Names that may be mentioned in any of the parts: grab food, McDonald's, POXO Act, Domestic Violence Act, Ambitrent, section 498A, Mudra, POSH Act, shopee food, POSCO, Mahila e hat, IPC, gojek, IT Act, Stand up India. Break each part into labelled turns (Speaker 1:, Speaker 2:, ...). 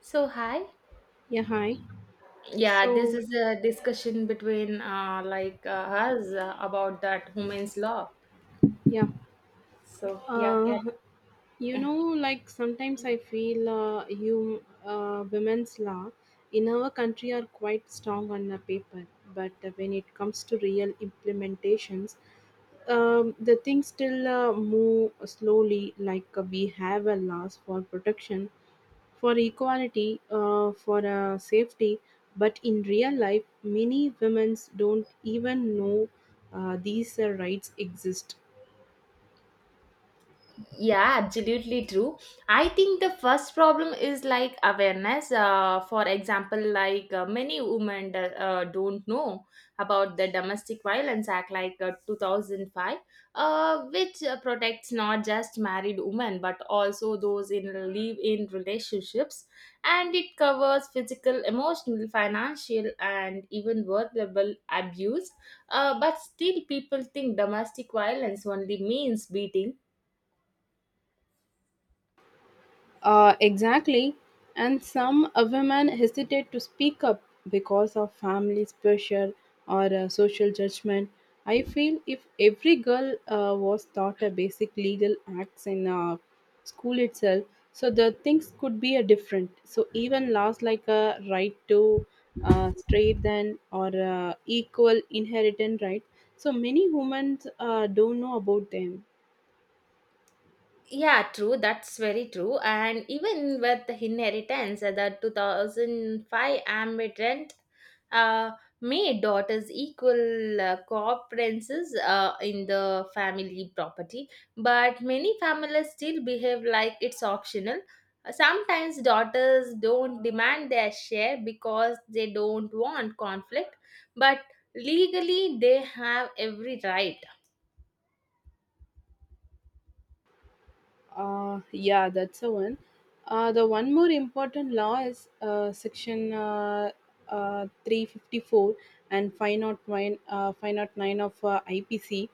Speaker 1: So, hi.
Speaker 2: Yeah, hi.
Speaker 1: Yeah, this
Speaker 2: So,
Speaker 1: is a discussion between us about that women's law.
Speaker 2: yeah,
Speaker 1: So, yeah,
Speaker 2: uh, like sometimes I feel you women's law in our country are quite strong on the paper, but when it comes to real implementations, the things still move slowly. Like we have a laws for protection, for equality, for safety, but in real life, many women's don't even know these rights exist.
Speaker 1: yeah, absolutely true. I think the first problem is like awareness. For example, many women don't know about the domestic violence act like 2005, which protects not just married women but also those in live in relationships, and it covers physical, emotional, financial, and even verbal abuse. But still people think domestic violence only means beating.
Speaker 2: Exactly. And some women hesitate to speak up because of family's pressure or social judgment. I feel if every girl was taught a basic legal acts in school itself, so the things could be a different. So even laws like a right to straight then or equal inheritance right. So many women don't know about them.
Speaker 1: Yeah, true. That's very true. And even with the inheritance, the 2005 Ambitrent uh, made daughters equal co-operances in the family property. But many families still behave like it's optional. Sometimes daughters don't demand their share because they don't want conflict, but legally they have every right.
Speaker 2: Yeah, that's the one. The one more important law is section 354 and 509, 509 of IPC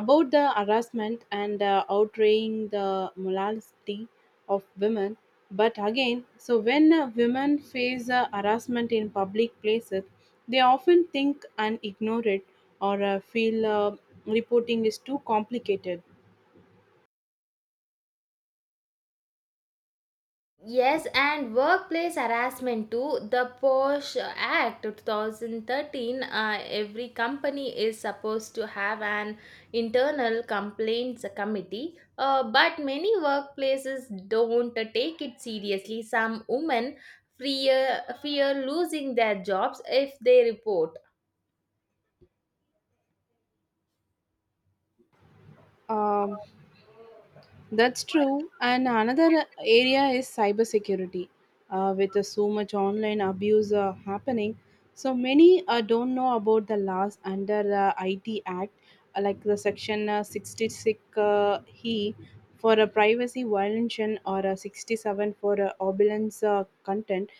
Speaker 2: about the harassment and outraging the morality of women. But again, so when women face harassment in public places, they often think and ignore it or feel reporting is too complicated.
Speaker 1: Yes, and workplace harassment too. The POSH Act 2013, every company is supposed to have an internal complaints committee, but many workplaces don't take it seriously. Some women fear losing their jobs if they report.
Speaker 2: Um, That's true. And another area is cybersecurity. With so much online abuse happening, so many don't know about the laws under IT Act, like the section 66 he for a privacy violation or 67 for obelance content.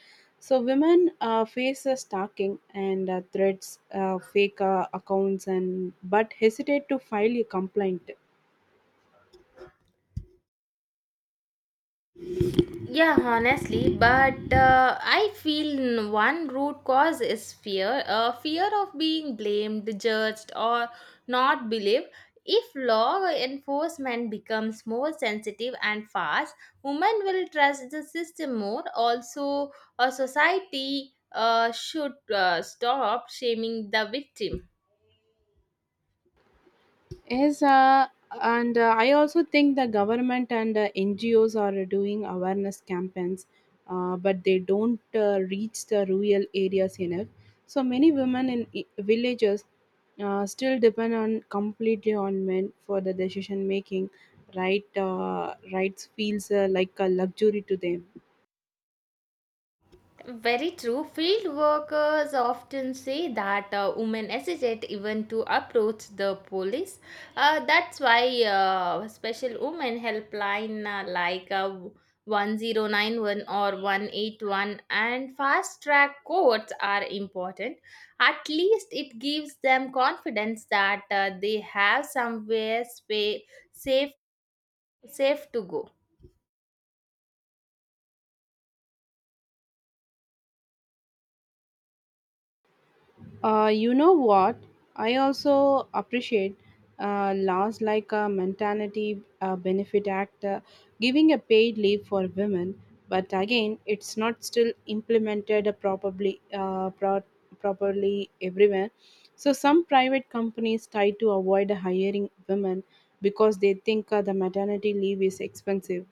Speaker 2: So women face stalking and threats, fake accounts, and but hesitate to file a complaint.
Speaker 1: Yeah, honestly, but I feel one root cause is fear. Fear of being blamed, judged, or not believed. If law enforcement becomes more sensitive and fast, women will trust the system more. Also, a society should stop shaming the victim.
Speaker 2: Yes, and I also think the government and NGOs are doing awareness campaigns, but they don't reach the rural areas enough. So many women in villages still depend on completely on men for the decision making. Right, rights feels like a luxury to them.
Speaker 1: Very true. Field workers often say that women hesitate even to approach the police. That's why special women helpline 1091 or 181 and fast track courts are important. At least it gives them confidence that they have somewhere safe, safe to go.
Speaker 2: You know what? I also appreciate laws like a maternity benefit act giving a paid leave for women, but again, it's not still implemented properly properly everywhere. So some private companies try to avoid hiring women because they think the maternity leave is expensive.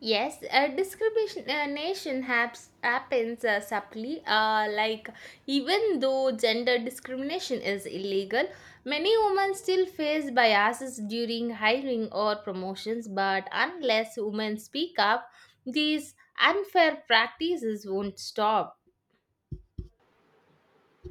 Speaker 1: Yes, discrimination happens subtly. Even though gender discrimination is illegal, many women still face biases during hiring or promotions. But unless women speak up, these unfair practices won't stop.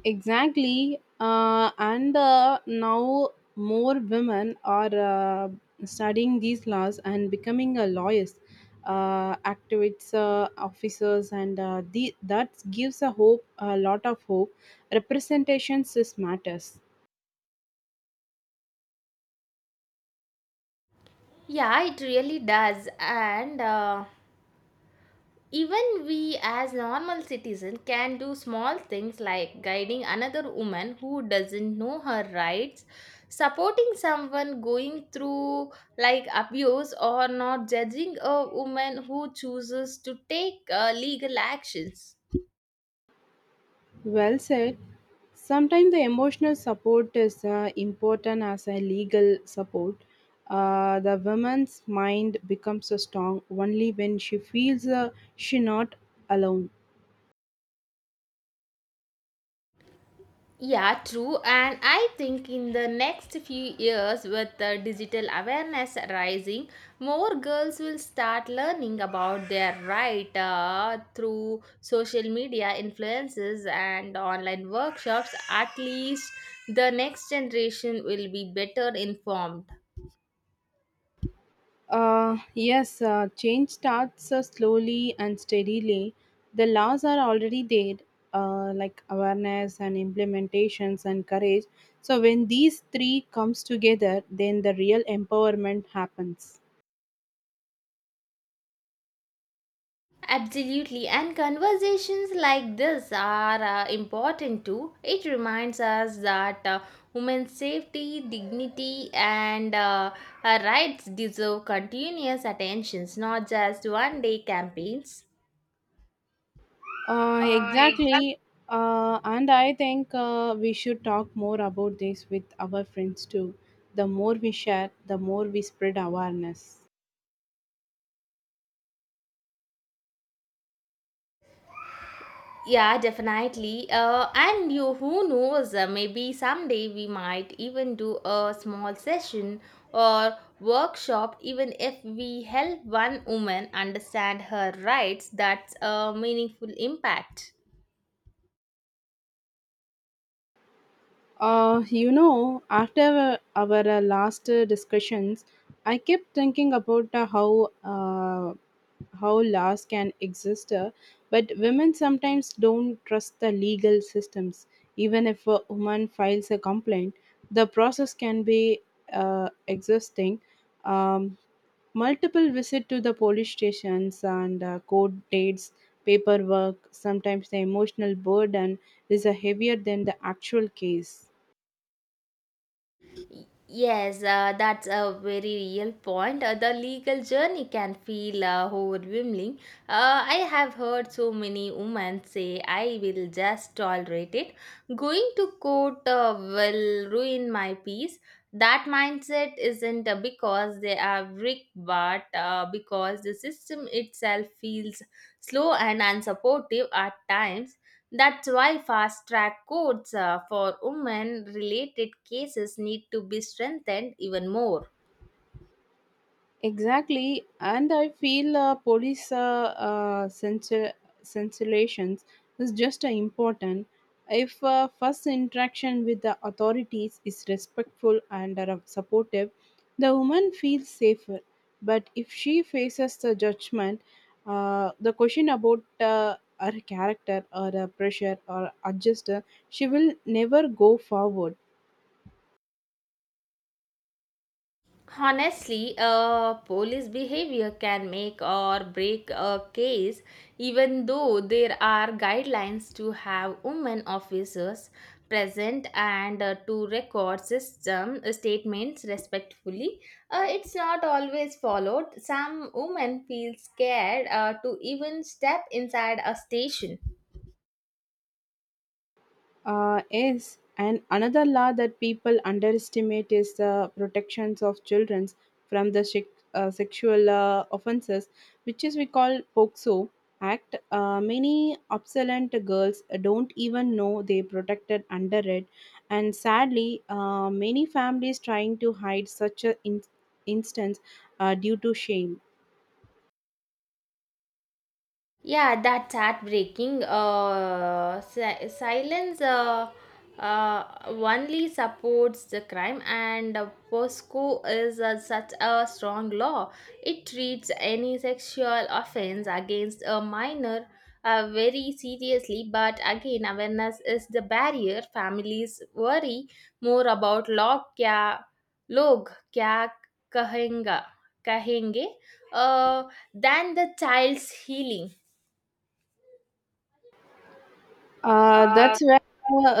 Speaker 2: Exactly. And now more women are studying these laws and becoming a lawyers, activists, officers, and that gives a hope, a lot of hope. Representations is matters.
Speaker 1: Yeah, it really does. And even we, as normal citizens, can do small things like guiding another woman who doesn't know her rights, supporting someone going through like abuse, or not judging a woman who chooses to take legal actions.
Speaker 2: Well said. Sometimes the emotional support is important as a legal support. The woman's mind becomes strong only when she feels she not alone.
Speaker 1: Yeah, true. And I think in the next few years, with the digital awareness rising, more girls will start learning about their right through social media influences and online workshops. At least the next generation will be better informed.
Speaker 2: Yes, change starts slowly and steadily. The laws are already there, like awareness and implementations and courage. So when these three comes together, then the real empowerment happens.
Speaker 1: Absolutely, and conversations like this are important too. It reminds us that women's safety, dignity, and rights deserve continuous attentions, not just one day campaigns.
Speaker 2: Exactly. And I think we should talk more about this with our friends too. The more we share, the more we spread awareness.
Speaker 1: Yeah, definitely. And you, who knows, maybe someday we might even do a small session or workshop, even if we help one woman understand her rights, that's a meaningful impact.
Speaker 2: After our last discussions, I kept thinking about how laws can exist, but women sometimes don't trust the legal systems. Even if a woman files a complaint, the process can be existing. Um, Multiple visit to the police stations and court dates, paperwork. Sometimes the emotional burden is heavier than the actual case.
Speaker 1: Yes, that's a very real point. The legal journey can feel overwhelming. I have heard so many women say, I will just tolerate it. Going to court will ruin my peace. That mindset isn't because they are weak, but because the system itself feels slow and unsupportive at times. That's why fast track courts for women related cases need to be strengthened even more.
Speaker 2: Exactly, and I feel police censorations is just important. If first interaction with the authorities is respectful and are supportive, the woman feels safer. But if she faces the judgment, the question about her character or pressure or adjuster, she will never go forward.
Speaker 1: Honestly, police behavior can make or break a case, even though there are guidelines to have women officers present and to record system statements respectfully. It's not always followed. Some women feel scared to even step inside a station.
Speaker 2: Yes, and another law that people underestimate is the protections of children from the sexual offenses, which is we call POXO Act. Many obsolete girls don't even know they protected under it, and sadly, many families trying to hide such an instance due to shame.
Speaker 1: Yeah, that's heartbreaking. Silence only supports the crime, and POSCO is such a strong law. It treats any sexual offense against a minor very seriously, but again, awareness is the barrier. Families worry more about log kya kahenga kahenge uh, than the child's healing.
Speaker 2: That's where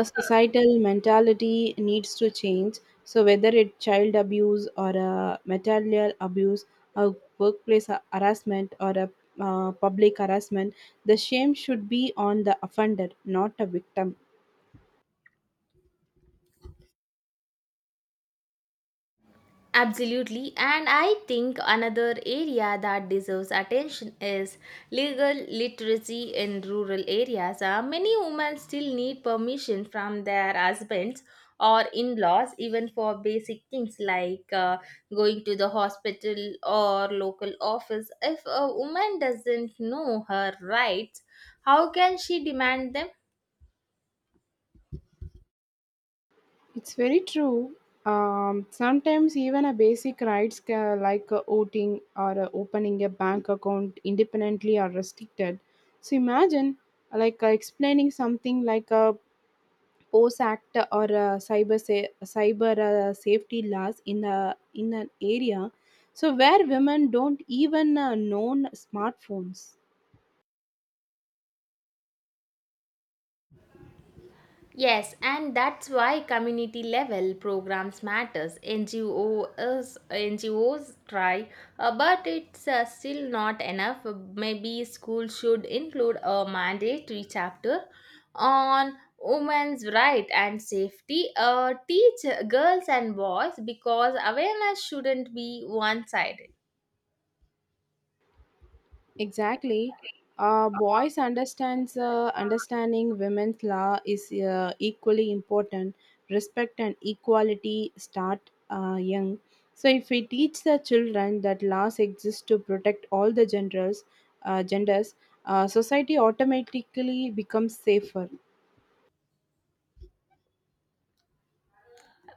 Speaker 2: a societal mentality needs to change. So whether it's child abuse or a material abuse, a workplace harassment or a public harassment, the shame should be on the offender, not a victim.
Speaker 1: Absolutely, and I think another area that deserves attention is legal literacy in rural areas. Many women still need permission from their husbands or in laws, even for basic things like going to the hospital or local office. If a woman doesn't know her rights, how can she demand them?
Speaker 2: It's very true. Sometimes even a basic rights like voting or opening a bank account independently are restricted. So imagine like explaining something like a POSE Act or cyber safety laws in a in an area, so where women don't even known smartphones.
Speaker 1: Yes, and that's why community level programs matters. NGOs try, but it's still not enough. Maybe school should include a mandatory chapter on women's right and safety. Teach girls and boys because awareness shouldn't be one-sided.
Speaker 2: Exactly, boys understands understanding women's law is equally important. Respect and equality start young. So if we teach the children that laws exist to protect all the genders, uh, genders, society automatically becomes safer.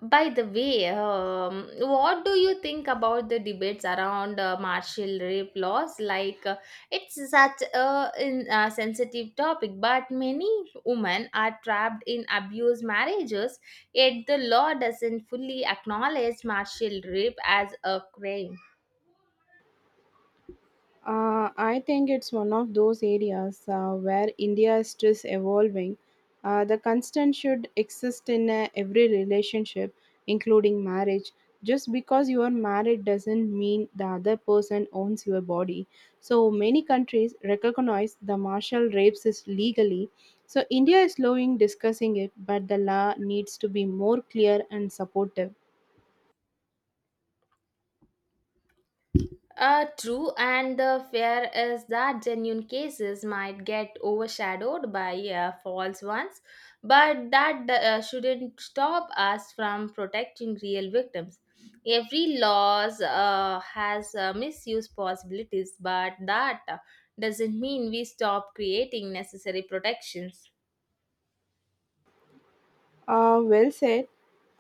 Speaker 1: By the way, what do you think about the debates around martial rape laws? It's such a sensitive topic, but many women are trapped in abused marriages, yet the law doesn't fully acknowledge martial rape as a crime.
Speaker 2: I think it's one of those areas where India is just evolving. The constant should exist in every relationship, including marriage. Just because you are married doesn't mean the other person owns your body. So many countries recognize the martial rapes is legally. So India is slowing discussing it, but the law needs to be more clear and supportive.
Speaker 1: True, and the fear is that genuine cases might get overshadowed by false ones, but that shouldn't stop us from protecting real victims. Every laws has misuse possibilities, but that doesn't mean we stop creating necessary protections.
Speaker 2: Well said.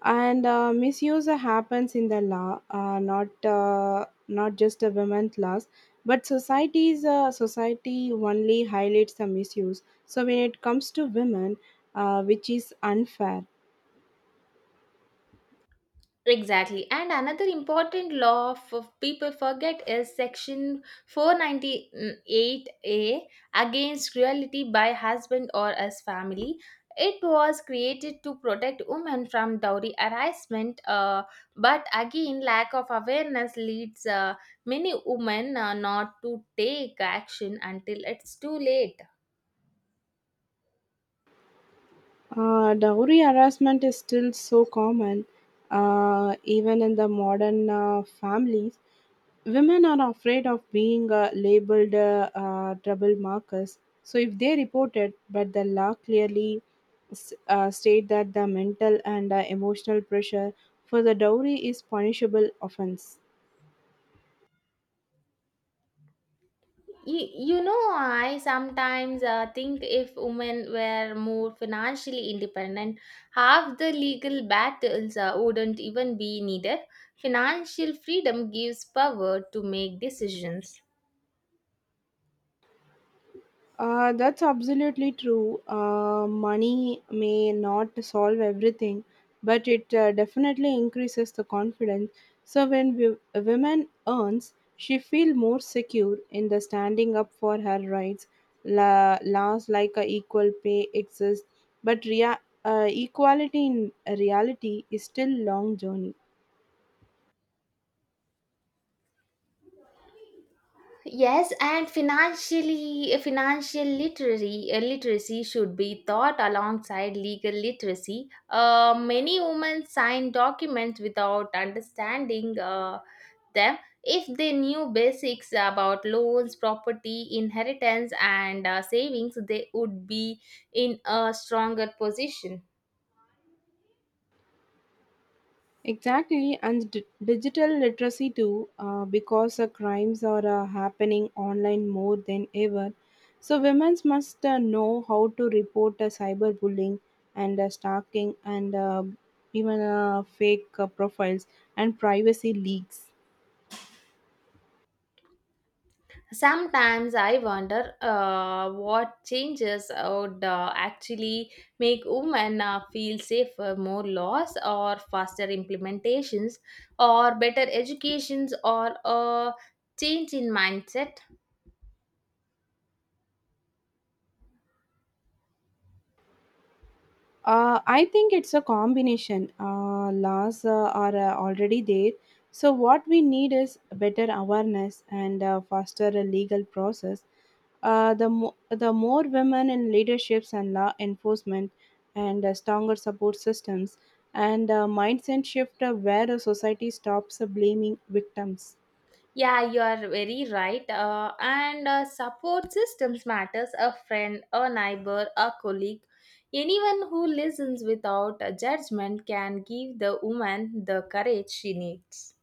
Speaker 2: And misuse happens in the law, not just the women's laws, but society only highlights the misuse. So when it comes to women, which is unfair.
Speaker 1: Exactly. And another important law of people forget is section 498A against cruelty by husband or as family. It was created to protect women from dowry harassment, but again, lack of awareness leads many women not to take action until it's too late.
Speaker 2: Dowry harassment is still so common, even in the modern families. Women are afraid of being labeled trouble markers. So, if they report it, but the law clearly state that the mental and emotional pressure for the dowry is punishable offense.
Speaker 1: you, you know, I sometimes think if women were more financially independent, half the legal battles wouldn't even be needed. Financial freedom gives power to make decisions.
Speaker 2: That's absolutely true. Money may not solve everything, but it definitely increases the confidence. So when a woman earns, she feel more secure in the standing up for her rights. Laws like a equal pay exist, but equality in reality is still long journey.
Speaker 1: Yes, and financial literacy, literacy should be taught alongside legal literacy. Many women sign documents without understanding them. If they knew basics about loans, property, inheritance, and savings, they would be in a stronger position.
Speaker 2: Exactly, and digital literacy too, because the crimes are happening online more than ever. So, women must know how to report cyberbullying and stalking and even fake profiles and privacy leaks.
Speaker 1: Sometimes I wonder what changes would actually make women feel safer, more laws or faster implementations or better educations or a change in mindset.
Speaker 2: I think it's a combination. Laws are already there. So, what we need is better awareness and faster legal process. The more women in leaderships and law enforcement, and stronger support systems, and mindset shift where a society stops blaming victims.
Speaker 1: Yeah, you are very right. And Support systems matters. A friend, a neighbor, a colleague, anyone who listens without a judgment can give the woman the courage she needs.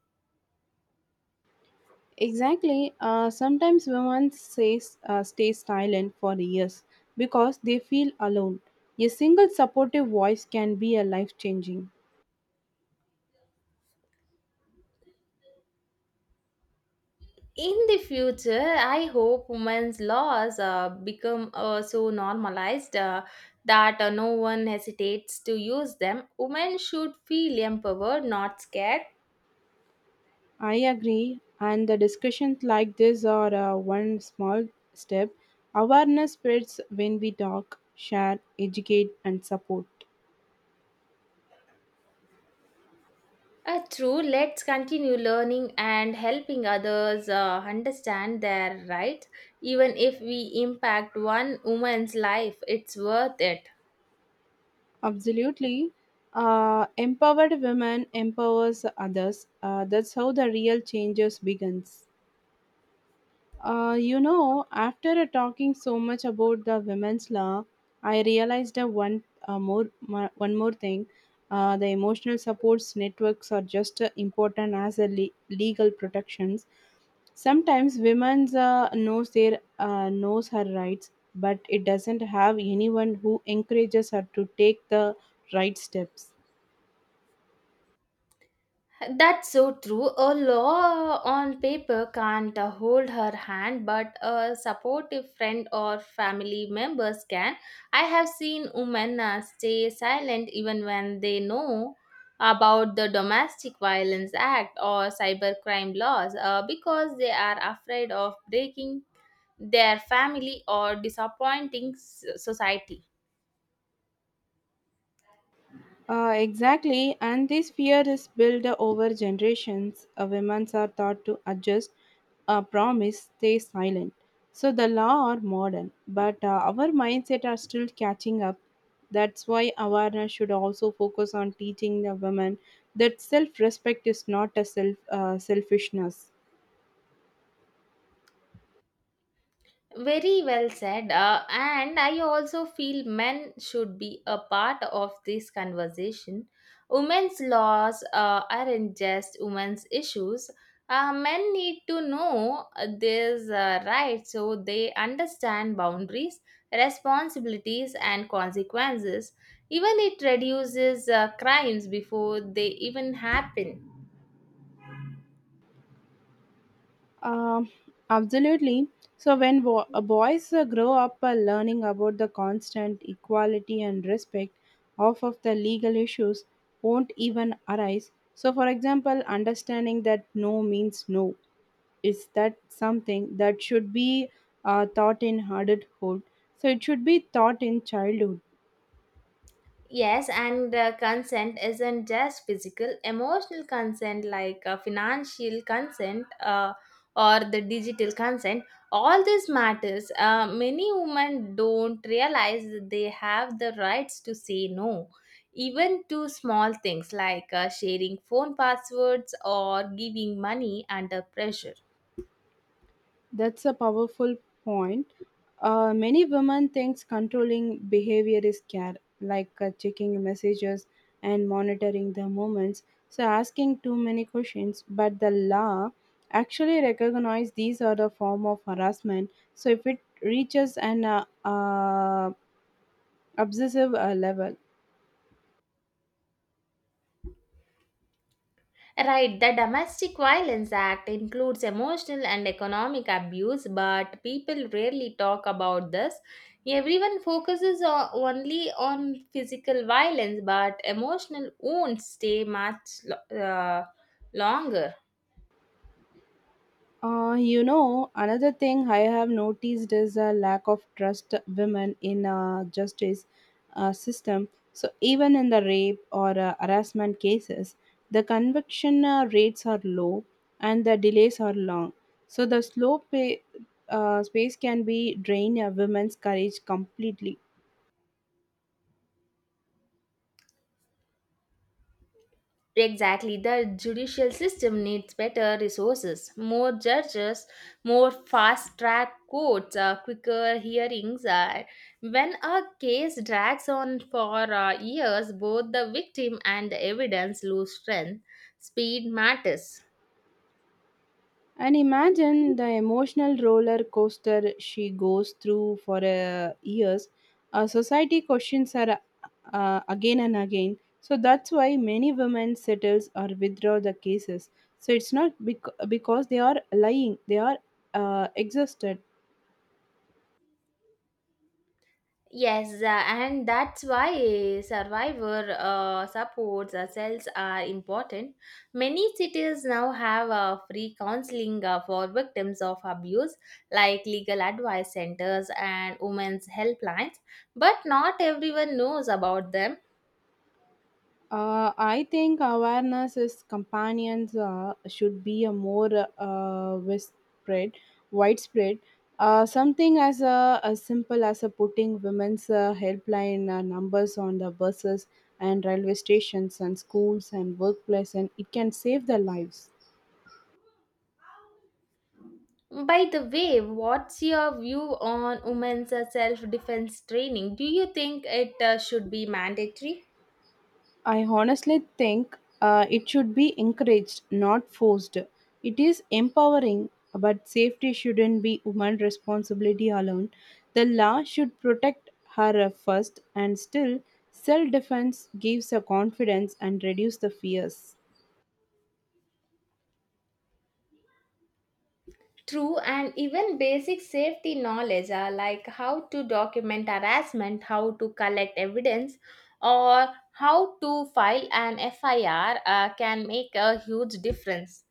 Speaker 2: Exactly. Sometimes women says, stay silent for years because they feel alone. A single supportive voice can be a life changing.
Speaker 1: In the future, I hope women's laws become so normalized that no one hesitates to use them. Women should feel empowered, not scared.
Speaker 2: I agree, and the discussions like this are one small step. Awareness spreads when we talk, share, educate, and support.
Speaker 1: True. Let's continue learning and helping others understand their rights. Even if we impact one woman's life, it's worth it.
Speaker 2: Absolutely. Empowered women empowers others. That's how the real changes begins. After talking so much about the women's law, I realized one more thing. The emotional supports networks are just important as a legal protections. Sometimes women's knows their knows her rights, but it doesn't have anyone who encourages her to take the right steps.
Speaker 1: That's so true. A law on paper can't hold her hand, but a supportive friend or family members can. I have seen women stay silent even when they know about the Domestic Violence Act or cybercrime laws because they are afraid of breaking their family or disappointing society.
Speaker 2: Exactly, and this fear is built over generations. Women are taught to adjust, promise, stay silent. So the law are modern, but our mindset are still catching up. That's why awareness should also focus on teaching the women that self-respect is not a selfishness.
Speaker 1: Very well said. And I also feel men should be a part of this conversation. Women's laws aren't just women's issues. Men need to know these rights so they understand boundaries, responsibilities, and consequences. Even it reduces crimes before they even happen.
Speaker 2: Um, Absolutely. So when boys grow up learning about the constant equality and respect, half of the legal issues won't even arise. So, for example, understanding that no means no is that something that should be taught in adulthood. So it should be taught in childhood.
Speaker 1: Yes, and consent isn't just physical, emotional consent like financial consent or the digital consent. All this matters. Many women don't realize that they have the rights to say no, even to small things like sharing phone passwords or giving money under pressure.
Speaker 2: That's a powerful point. Many women thinks controlling behavior is care, like checking messages and monitoring the movements. So asking too many questions, but the law actually recognize these are the form of harassment. So if it reaches an obsessive level.
Speaker 1: Right, the Domestic Violence Act includes emotional and economic abuse, but people rarely talk about this. Everyone only on physical violence, but emotional wounds stay much longer.
Speaker 2: Another thing I have noticed is a lack of trust women in justice system. So even in the rape or harassment cases, the conviction rates are low and the delays are long. So the slow pay, space can be drain a women's courage completely.
Speaker 1: Exactly, the judicial system needs better resources, more judges, more fast track courts, quicker hearings. When a case drags on for years, both the victim and the evidence lose strength. Speed matters.
Speaker 2: And imagine the emotional roller coaster she goes through for years. Society questions her again and again. So that's why many women settles or withdraw the cases. So it's not because they are lying; they are exhausted.
Speaker 1: Yes, and that's why survivor supports cells are important. Many cities now have free counseling for victims of abuse, like legal advice centers and women's helplines, but not everyone knows about them.
Speaker 2: I think awareness is companions should be a more spread, widespread. Something as a as simple as a putting women's helpline numbers on the buses and railway stations and schools and workplace, and it can save their lives.
Speaker 1: By the way, what's your view on women's self defense training? Do you think it should be mandatory?
Speaker 2: I honestly think it should be encouraged, not forced. It is empowering, but safety shouldn't be woman's responsibility alone. The law should protect her first, and still, self defense gives her confidence and reduce the fears.
Speaker 1: True, and even basic safety knowledge are like how to document harassment, how to collect evidence, or how to file an FIR can make a huge difference.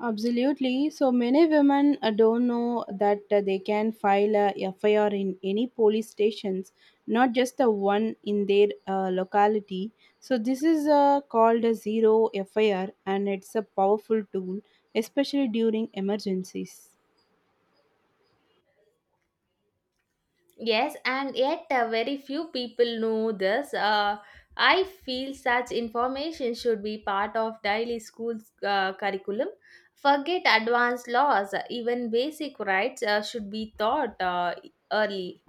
Speaker 2: Absolutely. So many women don't know that they can file a FIR in any police stations, not just the one in their locality. So this is called a zero FIR, and it's a powerful tool, especially during emergencies.
Speaker 1: Yes, and yet very few people know this. I feel such information should be part of daily school curriculum. Forget advanced laws, even basic rights should be taught early.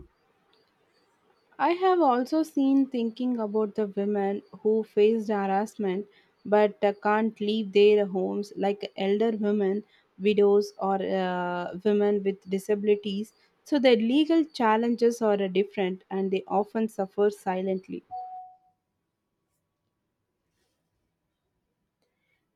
Speaker 2: I have also seen thinking about the women who faced harassment but can't leave their homes, like elder women, widows, or women with disabilities. So their legal challenges are different and they often suffer silently.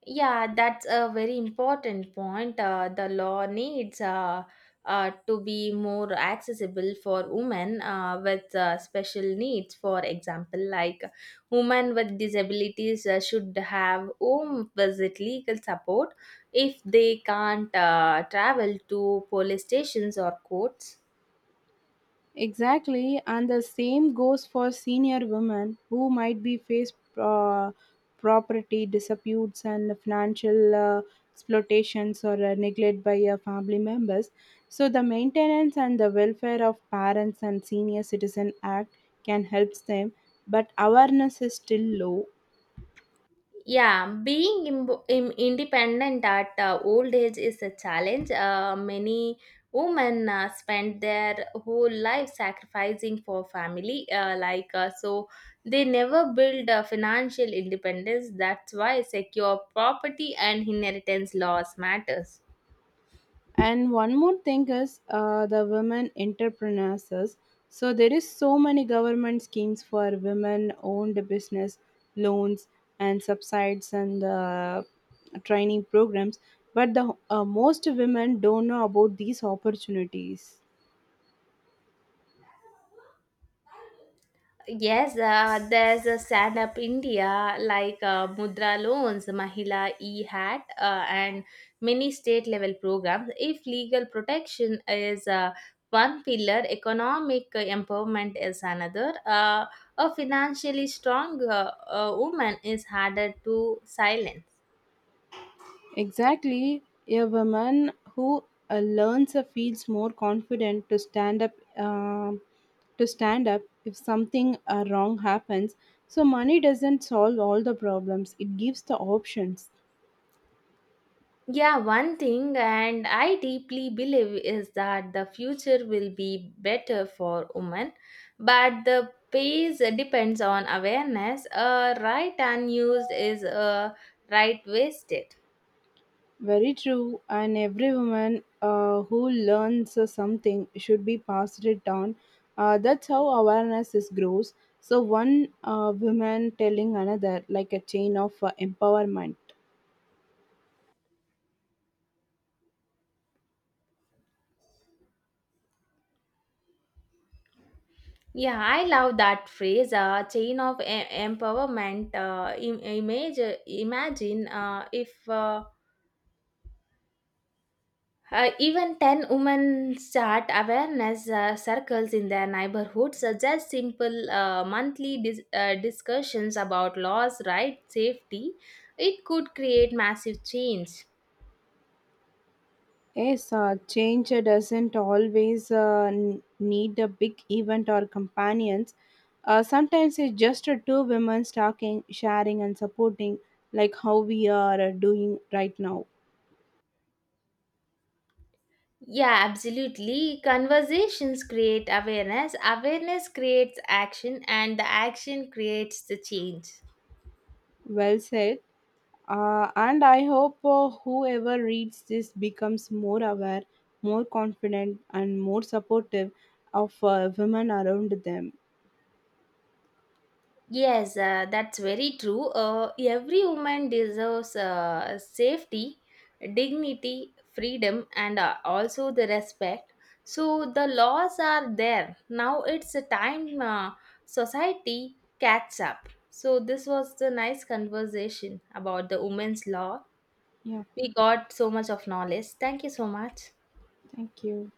Speaker 1: Yeah, that's a very important point. The law needs to be more accessible for women with special needs. For example, like women with disabilities should have home visit legal support if they can't travel to police stations or courts.
Speaker 2: Exactly, and the same goes for senior women who might be face property disputes and financial exploitations or neglect by family members. So, the Maintenance and the Welfare of Parents and Senior Citizen Act can help them, but awareness is still low.
Speaker 1: Yeah, being independent at old age is a challenge. Many women spend their whole life sacrificing for family, so they never build financial independence. That's why secure property and inheritance laws matters.
Speaker 2: And one more thing is the women entrepreneurs. So there is so many government schemes for women-owned business loans and subsides and training programs, but the most women don't know about these opportunities.
Speaker 1: Yes, there's a stand up India like Mudra loans, Mahila e hat, and many state level programs. If legal protection is one pillar, economic empowerment is another. A financially strong woman is harder to silence.
Speaker 2: Exactly, a woman who learns feels more confident to stand um up if something wrong happens. So money doesn't solve all the problems; it gives the options.
Speaker 1: Yeah, one thing, and I deeply believe is that the future will be better for women, but the pace depends on awareness. A right unused is a right wasted.
Speaker 2: Very true. And every woman who learns something should be passed it down. That's how awareness is grows. So one woman telling another like a chain of empowerment.
Speaker 1: Yeah, I love that phrase. Chain of empowerment. Imagine if even 10 women start awareness circles in their neighborhoods, such as simple monthly discussions about laws, rights, safety. It could create massive change.
Speaker 2: Yes, change doesn't always need a big event or companions. Sometimes it's just two women talking, sharing, and supporting, like how we are doing right now.
Speaker 1: Yeah, absolutely. Conversations create awareness, awareness creates action, and the action creates the change.
Speaker 2: Well said. And I hope whoever reads this becomes more aware, more confident, and more supportive of women around them.
Speaker 1: Yes, that's very true. Every woman deserves safety, dignity, freedom, and also the respect. So the laws are there. Now it's a time society catch up. So this was the nice conversation about the women's law.
Speaker 2: Yeah,
Speaker 1: We got so much of knowledge. Thank you so much.
Speaker 2: thank you.